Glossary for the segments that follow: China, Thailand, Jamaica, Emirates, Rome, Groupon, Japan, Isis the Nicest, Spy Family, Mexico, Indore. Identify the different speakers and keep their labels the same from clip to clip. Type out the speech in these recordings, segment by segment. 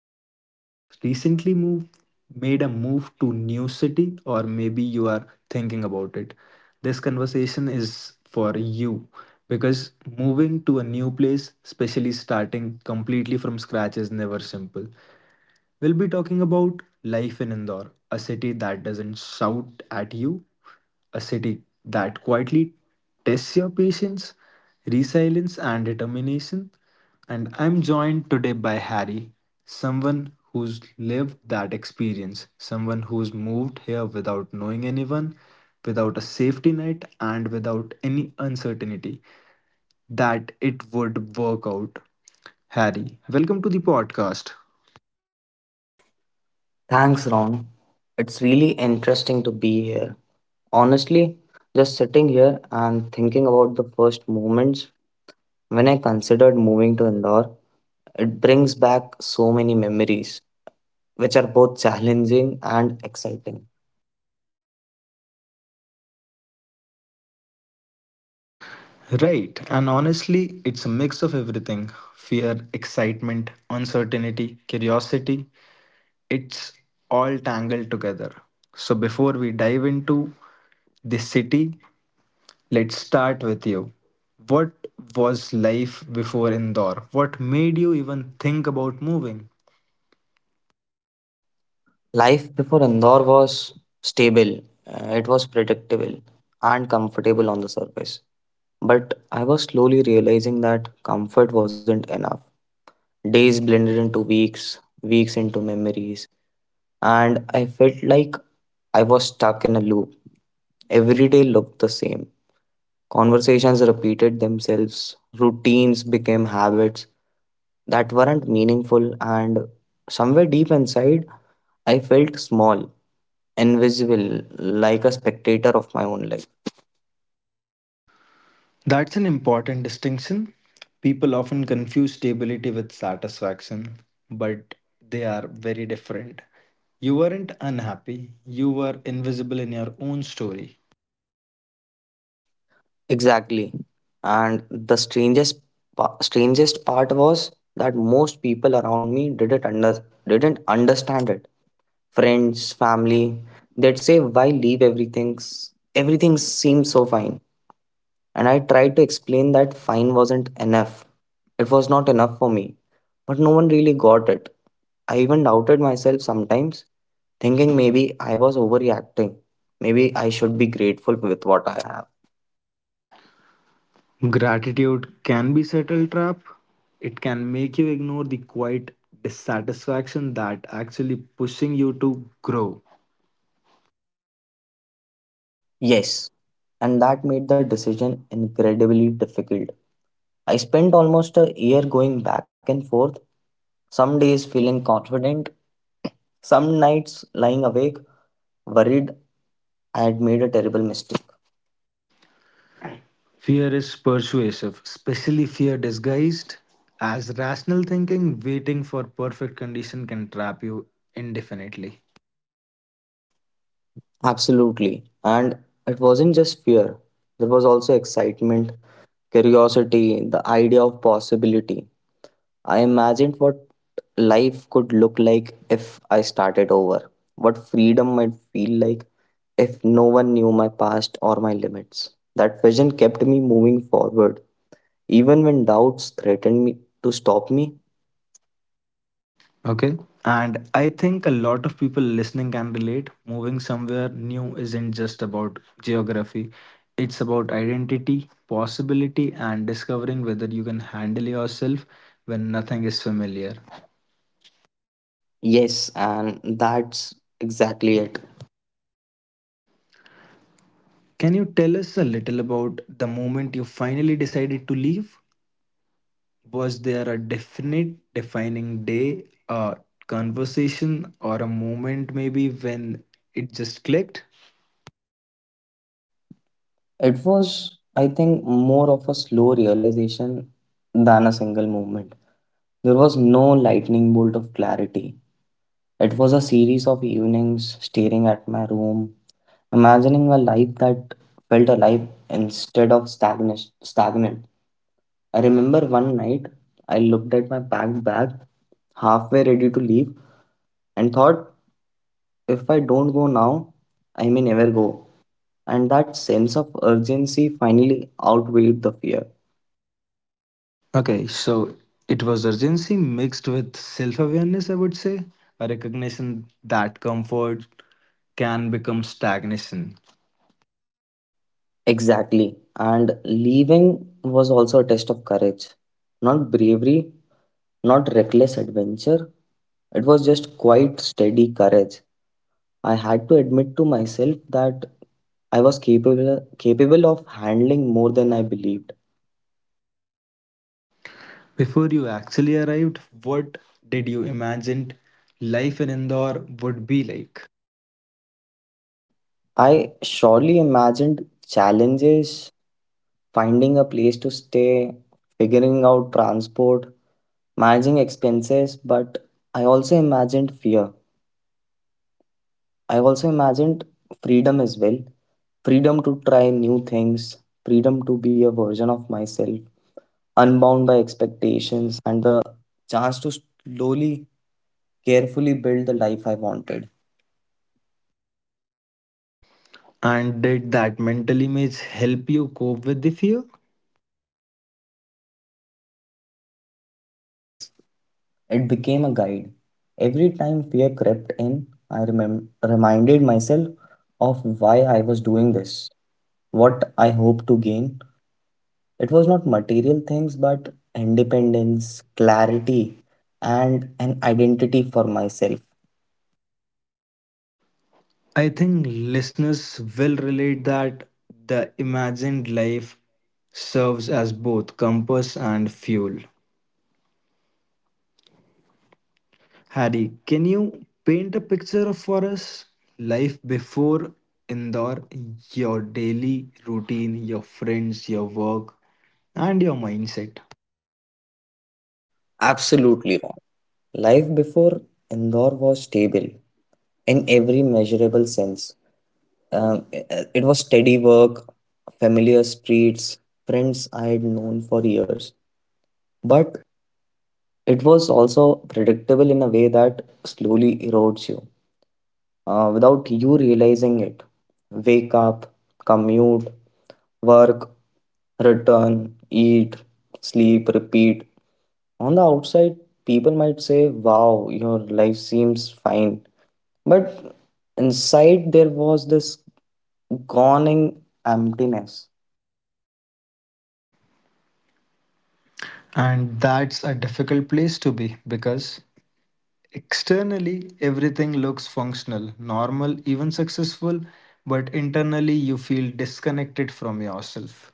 Speaker 1: maybe you are recently moved made a move to new city, or maybe you are thinking about it. This conversation is for you, because moving to a new place, especially starting completely from scratch, is never simple. We'll be talking about life in Indore, a city that doesn't shout at you, a city that quietly tests your patience, resilience, and determination. And I'm joined today by Harry, someone who's lived that experience, someone who's moved here without knowing anyone, without a safety net, and without any uncertainty that it would work out. Harry, welcome to the podcast.
Speaker 2: Thanks, Ron. It's really interesting to be here. Honestly, just sitting here and thinking about the first moments when I considered moving to Indore, it brings back so many memories, which are both challenging and exciting.
Speaker 1: Right, and honestly, it's a mix of everything: fear, excitement, uncertainty, curiosity. It's all tangled together. So, before we dive into the city, let's start with you. What was life before Indore? What made you even think about moving?
Speaker 2: Life before Indore was stable, it was predictable and comfortable on the surface. But I was slowly realizing that comfort wasn't enough. Days blended into weeks, weeks into memories, and I felt like I was stuck in a loop. Every day looked the same. Conversations repeated themselves, routines became habits that weren't meaningful, and somewhere deep inside, I felt small, invisible, like a spectator of my own life.
Speaker 1: That's an important distinction. People often confuse stability with satisfaction, but they are very different. You weren't unhappy, you were invisible in your own story.
Speaker 2: Exactly. And the strangest strangest part was that most people around me didn't understand it. Friends, family, they'd say, "Why leave everything? Everything seems so fine." And I tried to explain that fine wasn't enough. It was not enough for me. But no one really got it. I even doubted myself sometimes, thinking maybe I was overreacting. Maybe I should be grateful with what I have.
Speaker 1: Gratitude can be subtle trap. It can make you ignore the quiet dissatisfaction that actually pushing you to grow.
Speaker 2: Yes, and that made the decision incredibly difficult. I spent almost a year going back and forth, some days feeling confident, some nights lying awake, worried I had made a terrible mistake.
Speaker 1: Fear is persuasive, especially fear disguised as rational thinking. Waiting for perfect condition can trap you indefinitely.
Speaker 2: Absolutely. And it wasn't just fear, there was also excitement, curiosity, the idea of possibility. I imagined what life could look like if I started over, what freedom might feel like if no one knew my past or my limits. That vision kept me moving forward, even when doubts threatened me to stop me.
Speaker 1: Okay. And I think a lot of people listening can relate. Moving somewhere new isn't just about geography, it's about identity, possibility, and discovering whether you can handle yourself when nothing is familiar.
Speaker 2: Yes, and that's exactly it.
Speaker 1: Can you tell us a little about the moment you finally decided to leave? Was there a definite defining day, a conversation, or a moment maybe when it just clicked?
Speaker 2: It was, I think, more of a slow realization than a single moment. There was no lightning bolt of clarity. It was a series of evenings staring at my room, imagining a life that felt alive instead of stagnant. I remember one night I looked at my packed bag, halfway ready to leave, and thought if I don't go now, I may never go. And that sense of urgency finally outweighed the fear.
Speaker 1: Okay, so it was urgency mixed with self awareness, I would say, a recognition that comfort can become stagnation.
Speaker 2: Exactly. And leaving was also a test of courage. Not bravery, not reckless adventure. It was just quite steady courage. I had to admit to myself that I was capable of handling more than I believed.
Speaker 1: Before you actually arrived, what did you imagine life in Indore would be like?
Speaker 2: I surely imagined challenges finding a place to stay, figuring out transport, managing expenses, but I also imagined fear. I also imagined freedom as well, freedom to try new things, freedom to be a version of myself, unbound by expectations.
Speaker 1: And did that mental image help you cope with the fear? I think listeners will relate that the imagined life serves as both compass and fuel. Harry, can you paint a picture of for us? Life before Indore, your daily routine, your friends, your work, and your mindset.
Speaker 2: Predictable in a way that slowly erodes you without you realizing it. Wake up, commute, work, return, eat, sleep, repeat. On the outside, people might say, "Wow, your life seems fine." But inside, there was this Goning emptiness.
Speaker 1: And that's a difficult place to be because externally everything looks functional, normal, even successful, but internally you feel disconnected from yourself.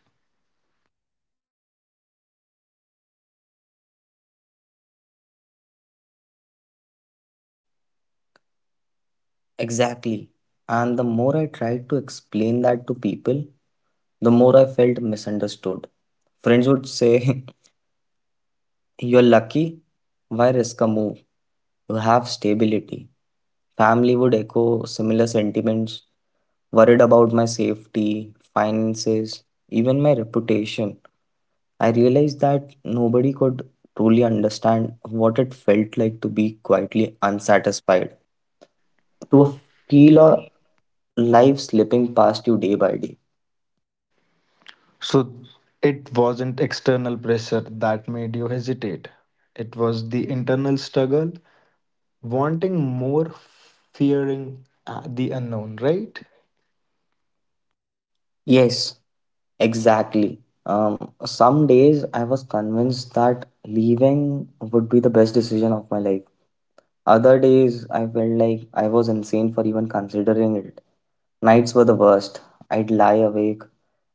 Speaker 1: To feel or
Speaker 2: Life slipping past you day by day.
Speaker 1: so it wasn't external pressure that made you hesitate. It was the internal struggle, wanting more, fearing the unknown, right?
Speaker 2: Yes, exactly. Some days I was convinced that leaving would be the best decision of my life. Other days I felt like I was insane for even considering it. Nights were the worst. I'd lie awake,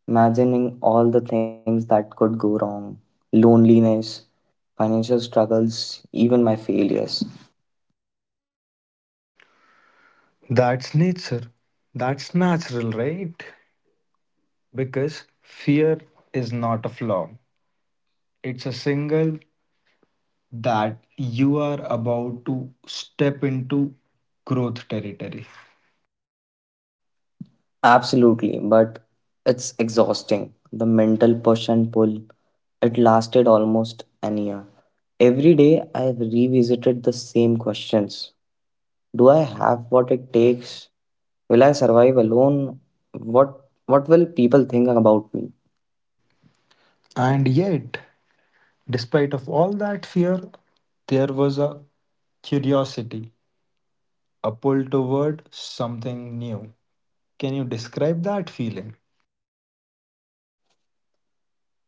Speaker 2: imagining all the things that could go wrong, loneliness, financial struggles, even my failures.
Speaker 1: That's nature. That's natural, right? Because fear is not a flaw, it's a signal that you are about to step into growth territory.
Speaker 2: Absolutely, but it's exhausting. The mental push and pull. It lasted almost an year. Every day I have revisited the same questions. Do I have what it takes? Will I survive alone? What will people think about me?
Speaker 1: And yet, despite of all that fear, there was a curiosity, a pull toward something new. Can you describe that feeling?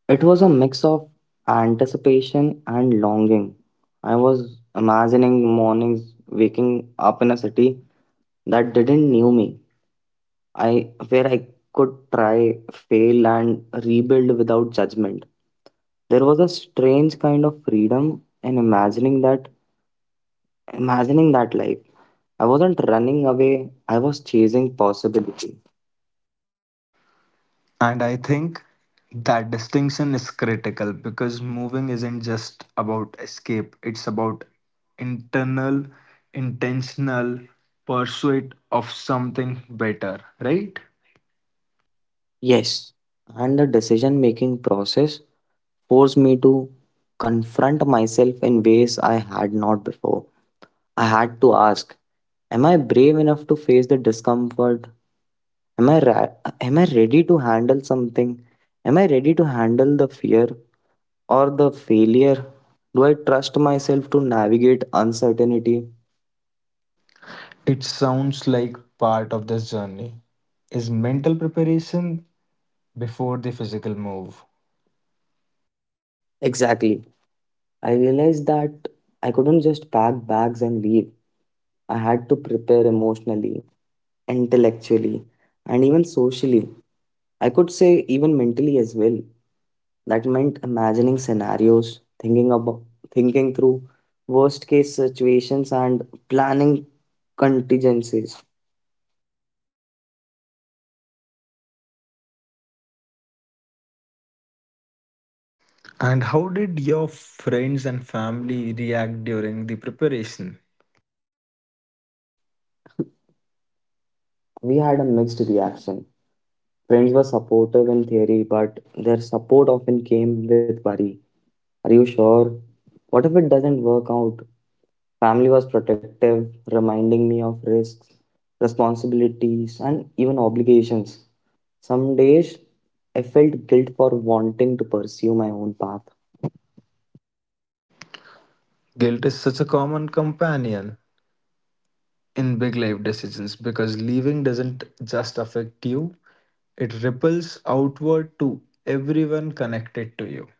Speaker 2: It was a mix of anticipation and longing. I was imagining mornings waking up in a city that didn't knew me. I where I could try, fail and rebuild without judgment. There was a strange kind of freedom in imagining that life. I wasn't running away, I was chasing possibility.
Speaker 1: And I think that distinction is critical because moving isn't just about escape, it's about internal, intentional pursuit of something better, right?
Speaker 2: Yes. And the decision making process forced me to confront myself in ways I had not before. I had to ask, am I brave enough to face the discomfort? Am I ra- am I ready to handle something? Am I ready to handle the fear or the failure? Do I trust myself to navigate uncertainty?
Speaker 1: It sounds like part of this journey is mental preparation before the physical move.
Speaker 2: Exactly. I realized that I couldn't just pack bags and leave. I had to prepare emotionally, intellectually, and even socially. I could say even mentally as well. That meant imagining scenarios, thinking through worst case situations and planning contingencies.
Speaker 1: And how did your friends and family react during the preparation?
Speaker 2: We had a mixed reaction. Friends were supportive in theory, but their support often came with worry. Are you sure? What if it doesn't work out? Family was protective, reminding me of risks, responsibilities, and even obligations. Some days I felt guilt for wanting to pursue my own path.
Speaker 1: Guilt is such a common companion in big life decisions because leaving doesn't just affect you, it ripples outward to everyone connected to you.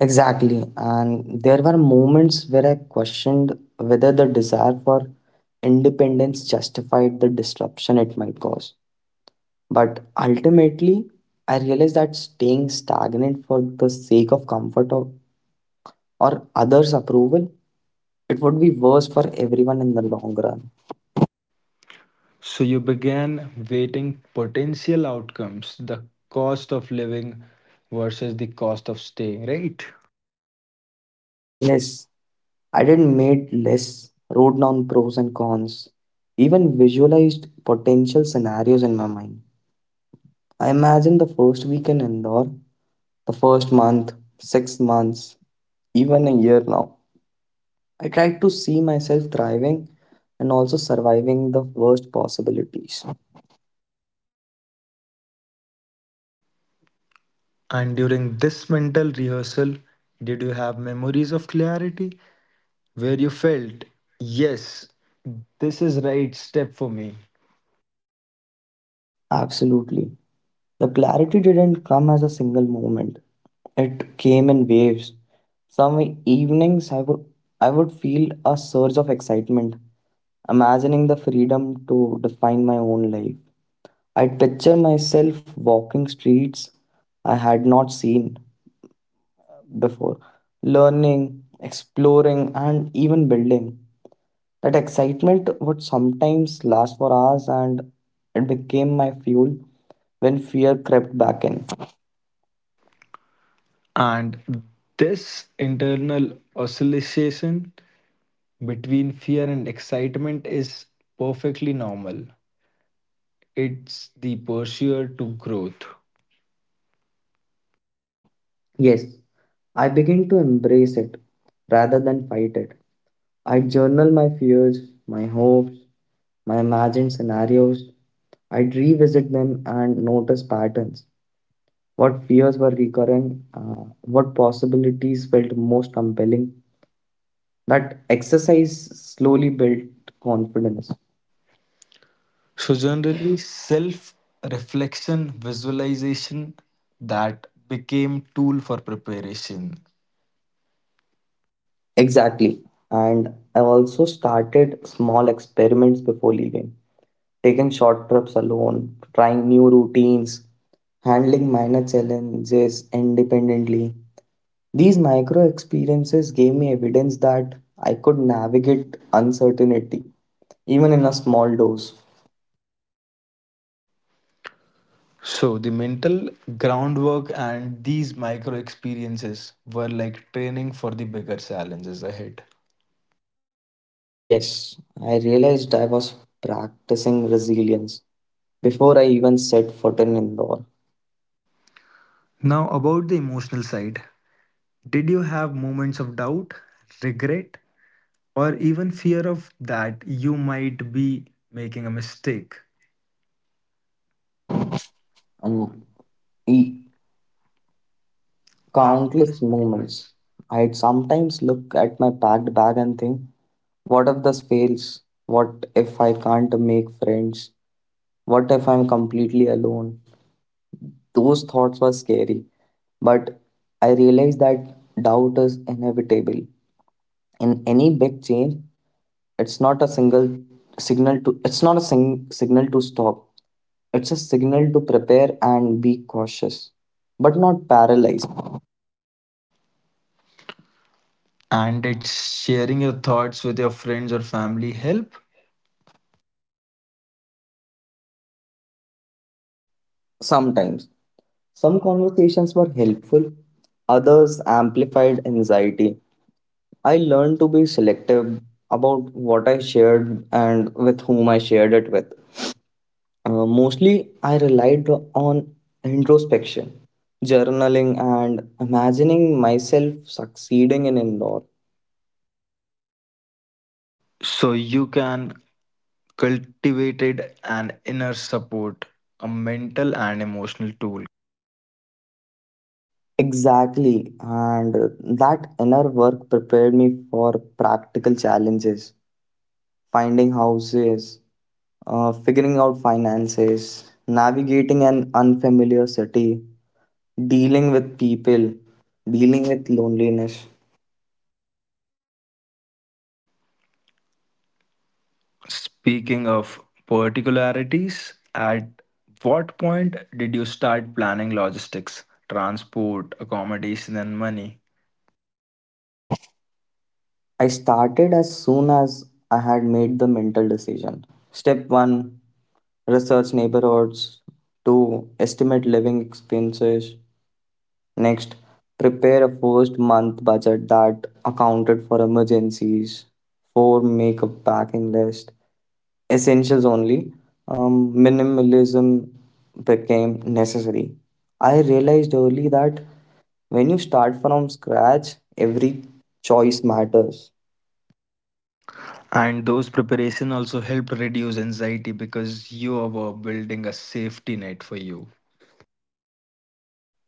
Speaker 2: Exactly. And there were moments where I questioned whether the desire for independence justified the disruption it might cause. But ultimately, I realized that staying stagnant for the sake of comfort or others' approval, it would be worse for everyone in the long run.
Speaker 1: So you began weighting potential outcomes, the cost of living versus the cost of staying, right?
Speaker 2: Yes, I didn't made lists, wrote down pros and cons, even visualized potential scenarios in my mind. I imagined the first week in Indore, the first month, 6 months, even a year now. I tried to see myself thriving and also surviving the worst possibilities.
Speaker 1: And during this mental rehearsal, did you have memories of clarity where you felt, yes, this is right step for me?
Speaker 2: Absolutely. The clarity didn't come as a single moment. It came in waves. Some evenings I would feel a surge of excitement, imagining the freedom to define my own life. I'd picture myself walking streets I had not seen before, learning, exploring, and even building. That excitement would sometimes last for hours, and it became my fuel when fear crept back in.
Speaker 1: And this internal oscillation between fear and excitement is perfectly normal. It's the pursuit to growth.
Speaker 2: Yes, I begin to embrace it rather than fight it. I journal my fears, my hopes, my imagined scenarios. I'd revisit them and notice patterns. What fears were recurring, what possibilities felt most compelling. That exercise slowly built confidence.
Speaker 1: So, generally, self reflection, visualization, that became tool for preparation.
Speaker 2: Exactly. And I also started small experiments before leaving. Taking short trips alone, trying new routines, handling minor challenges independently. These micro experiences gave me evidence that I could navigate uncertainty, even in a small dose.
Speaker 1: So the mental groundwork and these micro experiences were like training for the bigger challenges ahead.
Speaker 2: Yes, I realized I was practicing resilience before I even set foot in Indore.
Speaker 1: Now about the emotional side. Did you have moments of doubt, regret, or even fear of that you might be making a mistake?
Speaker 2: Um,
Speaker 1: Um,
Speaker 2: e-
Speaker 1: e-
Speaker 2: Countless
Speaker 1: Countless
Speaker 2: moments.
Speaker 1: moments.
Speaker 2: I'd sometimes look at my packed bag and think, what if this fails? What if I can't make friends? What if I'm completely alone? Those thoughts were scary, but I realized that doubt is inevitable. In any big change, it's not a single signal to it's not a signal to stop. It's a signal to prepare and be cautious, but not paralyzed.
Speaker 1: And did sharing your thoughts with your friends or family help?
Speaker 2: Sometimes some conversations were helpful, others amplified anxiety. I learned to be selective about what I shared and with whom I shared it with. Mostly, I relied on introspection, journaling, and imagining myself succeeding in indoor.
Speaker 1: So you can cultivated an inner support, a mental and emotional tool.
Speaker 2: Exactly, and that inner work prepared me for practical challenges. Finding houses, figuring out finances, navigating an unfamiliar city, dealing with people, dealing with loneliness.
Speaker 1: Speaking of particularities, at what point did you start planning logistics, transport, accommodation, and money?
Speaker 2: I started as soon as I had made the mental decision. Step 1, research neighborhoods. 2. Estimate living expenses. Next, prepare a first month budget that accounted for emergencies. 4. Make a packing list. Essentials only. Minimalism became necessary. I realized early that when you start from scratch, every choice matters.
Speaker 1: And those preparation also helped reduce anxiety because you were building a safety net for you.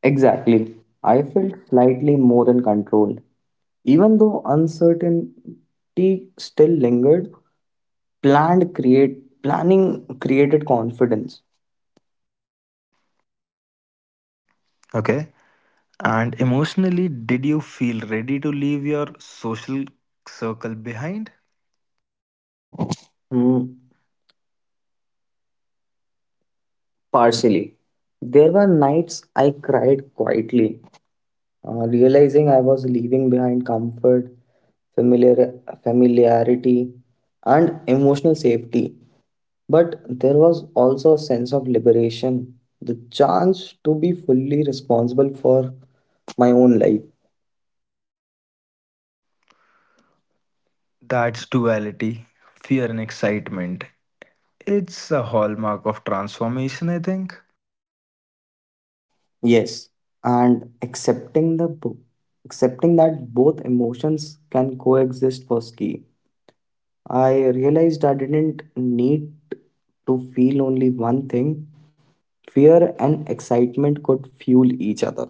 Speaker 2: Exactly. I felt slightly more in control. Even though uncertainty still lingered, planned create planning created confidence.
Speaker 1: Okay. And emotionally, did you feel ready to leave your social circle behind?
Speaker 2: Hmm, partially. There were nights I cried quietly. Realizing I was leaving behind comfort, familiar, familiarity, and emotional safety. But there was also a sense of liberation, the chance to be fully responsible for my own life.
Speaker 1: That's duality, fear and excitement. It's a hallmark of transformation, I think.
Speaker 2: Yes, and accepting that both emotions can coexist was key. I realized I didn't need to feel only one thing. Fear and excitement could fuel each other.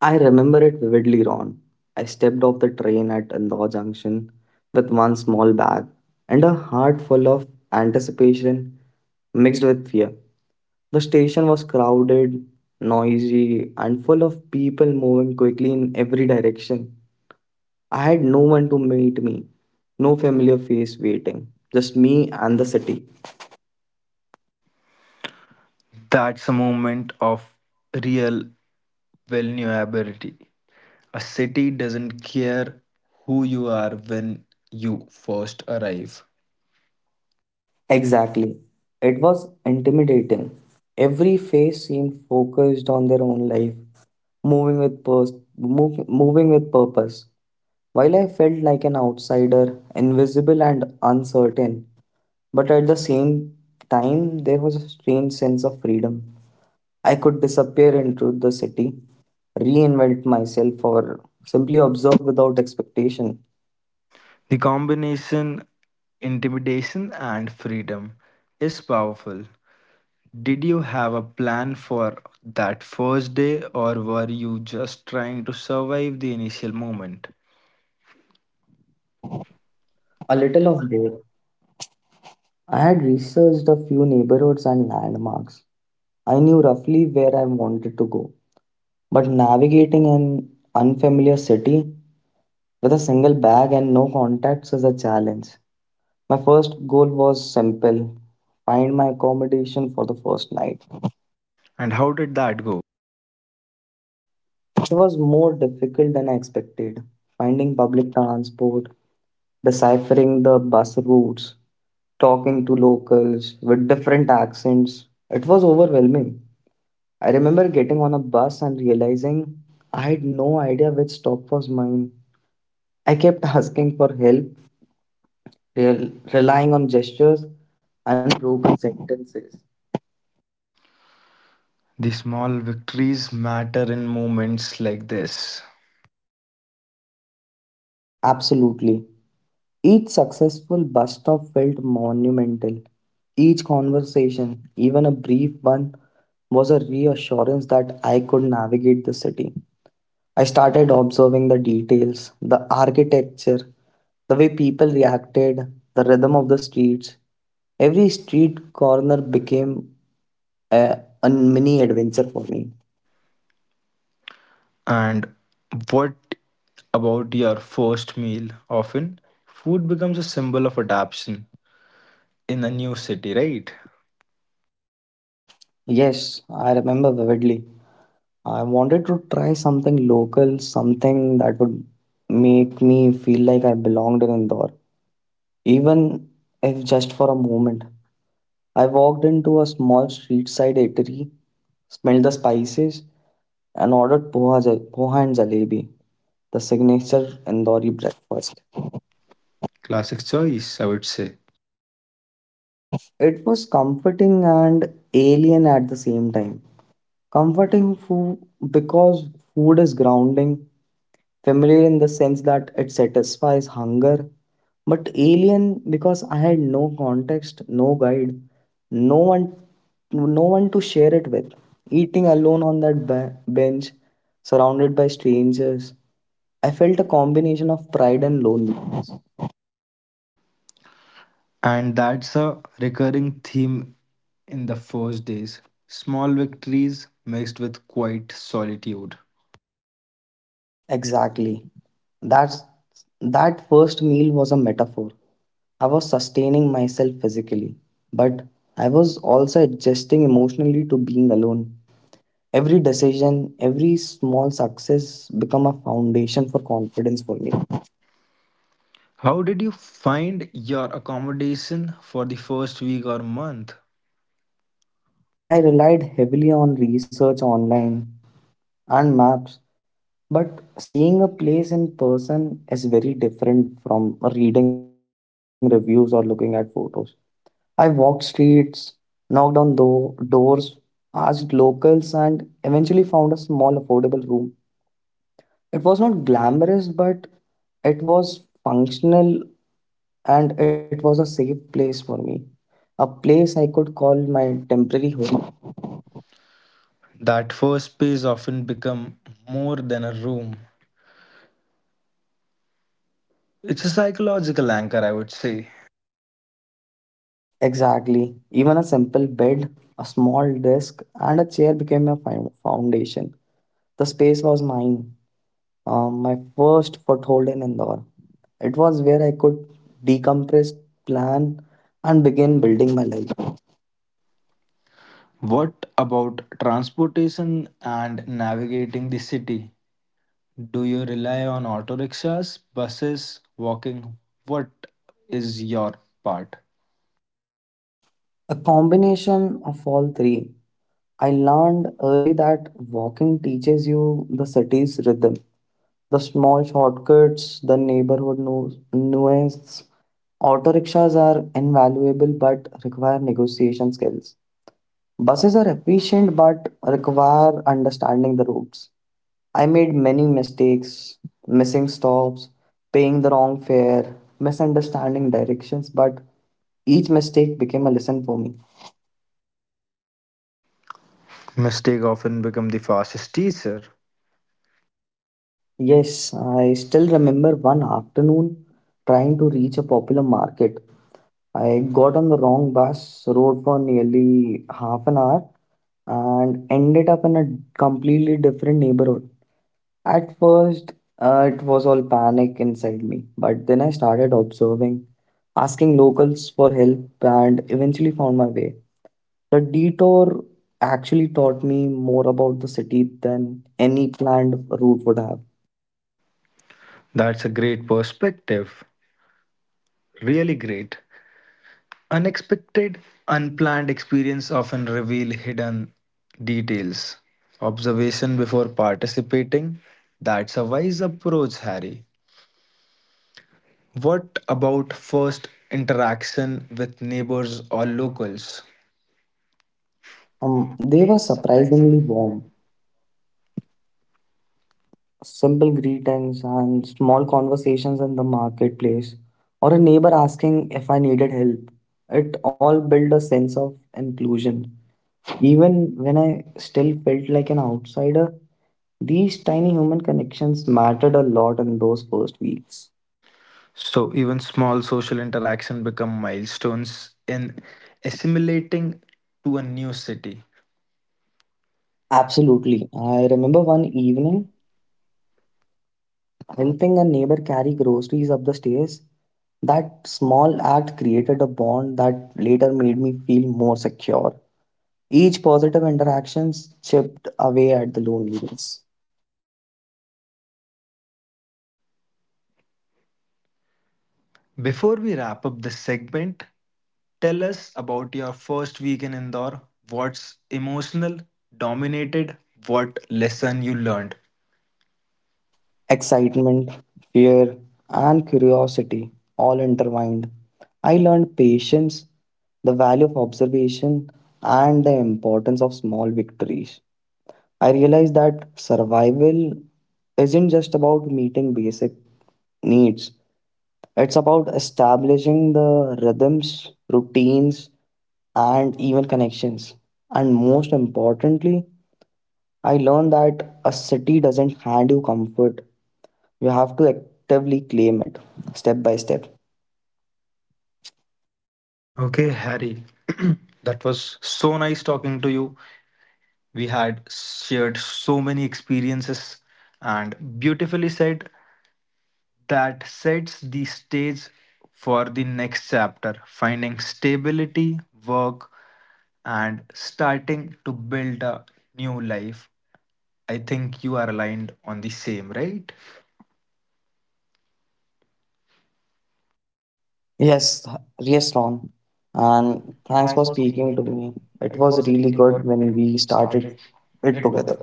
Speaker 2: I remember it vividly, Ron. I stepped off the train at Indore Junction with one small bag and a heart full of anticipation mixed with fear. The station was crowded, noisy, and full of people moving quickly in every direction. I had no one to meet me, no familiar face waiting, just me and the city.
Speaker 1: That's a moment of real vulnerability. A city doesn't care who you are when you first arrive.
Speaker 2: Exactly. It was intimidating. Every face seemed focused on their own life, moving with pers- moving with purpose. While I felt like an outsider, invisible and uncertain, but at the same time there was a strange sense of freedom. I could disappear into the city, reinvent myself or simply observe without expectation.
Speaker 1: The combination intimidation and freedom is powerful. Did you have a plan for that first day, or were you just trying to survive the initial moment?
Speaker 2: A
Speaker 1: A
Speaker 2: little
Speaker 1: little
Speaker 2: of
Speaker 1: of
Speaker 2: both.
Speaker 1: both.
Speaker 2: I had researched a few neighborhoods and landmarks. I knew roughly where I wanted to go, but navigating an unfamiliar city with a single bag and no contacts is a challenge. My first goal was simple, find my accommodation for the first night.
Speaker 1: And how did that go?
Speaker 2: It was more difficult than I expected. Finding public transport, deciphering the bus routes, talking to locals with different accents. It was overwhelming. I remember getting on a bus and realizing I had no idea which stop was mine. I kept asking for help, relying on gestures and broken sentences.
Speaker 1: The small victories matter in moments like this.
Speaker 2: Absolutely. Each successful bus stop felt monumental. Each conversation, even a brief one, was a reassurance that I could navigate the city. I started observing the details, the architecture, the way people reacted, the rhythm of the streets. Every street corner became a mini adventure for me.
Speaker 1: And what about your first meal? Often, food becomes a symbol of adaptation in a new city, right?
Speaker 2: Yes, I remember vividly. I wanted to try something local, something that would make me feel like I belonged in Indore, even if just for a moment. I walked into a small street side eatery, smelled the spices, and ordered poha, poha and jalebi, the signature Indori breakfast.
Speaker 1: Classic choice, I would say.
Speaker 2: It was comforting and alien at the same time. Comforting food because food is grounding. Familiar in the sense that it satisfies hunger, but alien because I had no context, no guide, no one, no one to share it with. Eating alone on that bench, surrounded by strangers, I felt a combination of pride and loneliness.
Speaker 1: And that's a recurring theme in the first days, small victories mixed with quiet solitude.
Speaker 2: Exactly. That's that first meal was a metaphor. I was sustaining myself physically, but I was also adjusting emotionally to being alone. Every decision, every small success become a foundation for confidence for me.
Speaker 1: How did you find your accommodation for the first week or month?
Speaker 2: I relied heavily on research online and maps, but seeing a place in person is very different from reading reviews or looking at photos. I walked streets, knocked on doors, asked locals, and eventually found a small affordable room. It was not glamorous, but it was functional, and it was a safe place for me. A place I could call my temporary home.
Speaker 1: That first space often become more than a room. It's a psychological anchor, I would say.
Speaker 2: Exactly. Even a simple bed, a small desk, and a chair became my foundation. The space was mine, my first foothold in Indore. It was where I could decompress, plan, and begin building my life.
Speaker 1: What about transportation and navigating the city? Do you rely on auto rickshaws, buses, walking? What is your part?
Speaker 2: A combination of all three. I learned early that walking teaches you the city's rhythm, the small shortcuts, the neighborhood nuance. Auto rickshaws are invaluable but require negotiation skills. Buses are efficient but require understanding the routes. I made many mistakes, missing stops, paying the wrong fare, misunderstanding directions, but each mistake became a lesson for me.
Speaker 1: Mistake often become the fastest teacher.
Speaker 2: Yes, I still remember one afternoon trying to reach a popular market. I got on the wrong bus, rode for nearly half an hour, and ended up in a completely different neighborhood. At first, it was all panic inside me, but then I started observing, asking locals for help, and eventually found my way. The detour actually taught me more about the city than any planned route would have.
Speaker 1: That's a great perspective. Really great. Unexpected, unplanned experience often reveal hidden details. Observation before participating. That's a wise approach, Harry. What about first interaction with neighbors or locals?
Speaker 2: They were surprisingly warm. Simple greetings and small conversations in the marketplace, or a neighbor asking if I needed help. It all built a sense of inclusion. Even when I still felt like an outsider, these tiny human connections mattered a lot in those first weeks.
Speaker 1: So even small social interaction become milestones in assimilating to a new city.
Speaker 2: Absolutely. I remember one evening helping a neighbor carry groceries up the stairs. That small act created a bond that later made me feel more secure. Each positive interaction chipped away at the loneliness.
Speaker 1: Before we wrap up this segment, tell us about your first week in Indore. What's emotional, dominated, what lesson you learned?
Speaker 2: Excitement, fear, and curiosity all intertwined. I learned patience, the value of observation, and the importance of small victories. I realized that survival isn't just about meeting basic needs, it's about establishing the rhythms, routines, and even connections. And most importantly, I learned that a city doesn't hand you comfort. You have to actively claim it step by step.
Speaker 1: Okay, Harry, that was so nice talking to you. We had shared so many experiences and beautifully said that sets the stage for the next chapter, finding stability, work, and starting to build a new life. I think you are aligned on the same, right?
Speaker 2: Yes, yes, Ron. And thanks for speaking to me. It was really good when we started it together.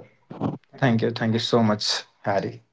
Speaker 1: Thank you. Thank you so much, Harry.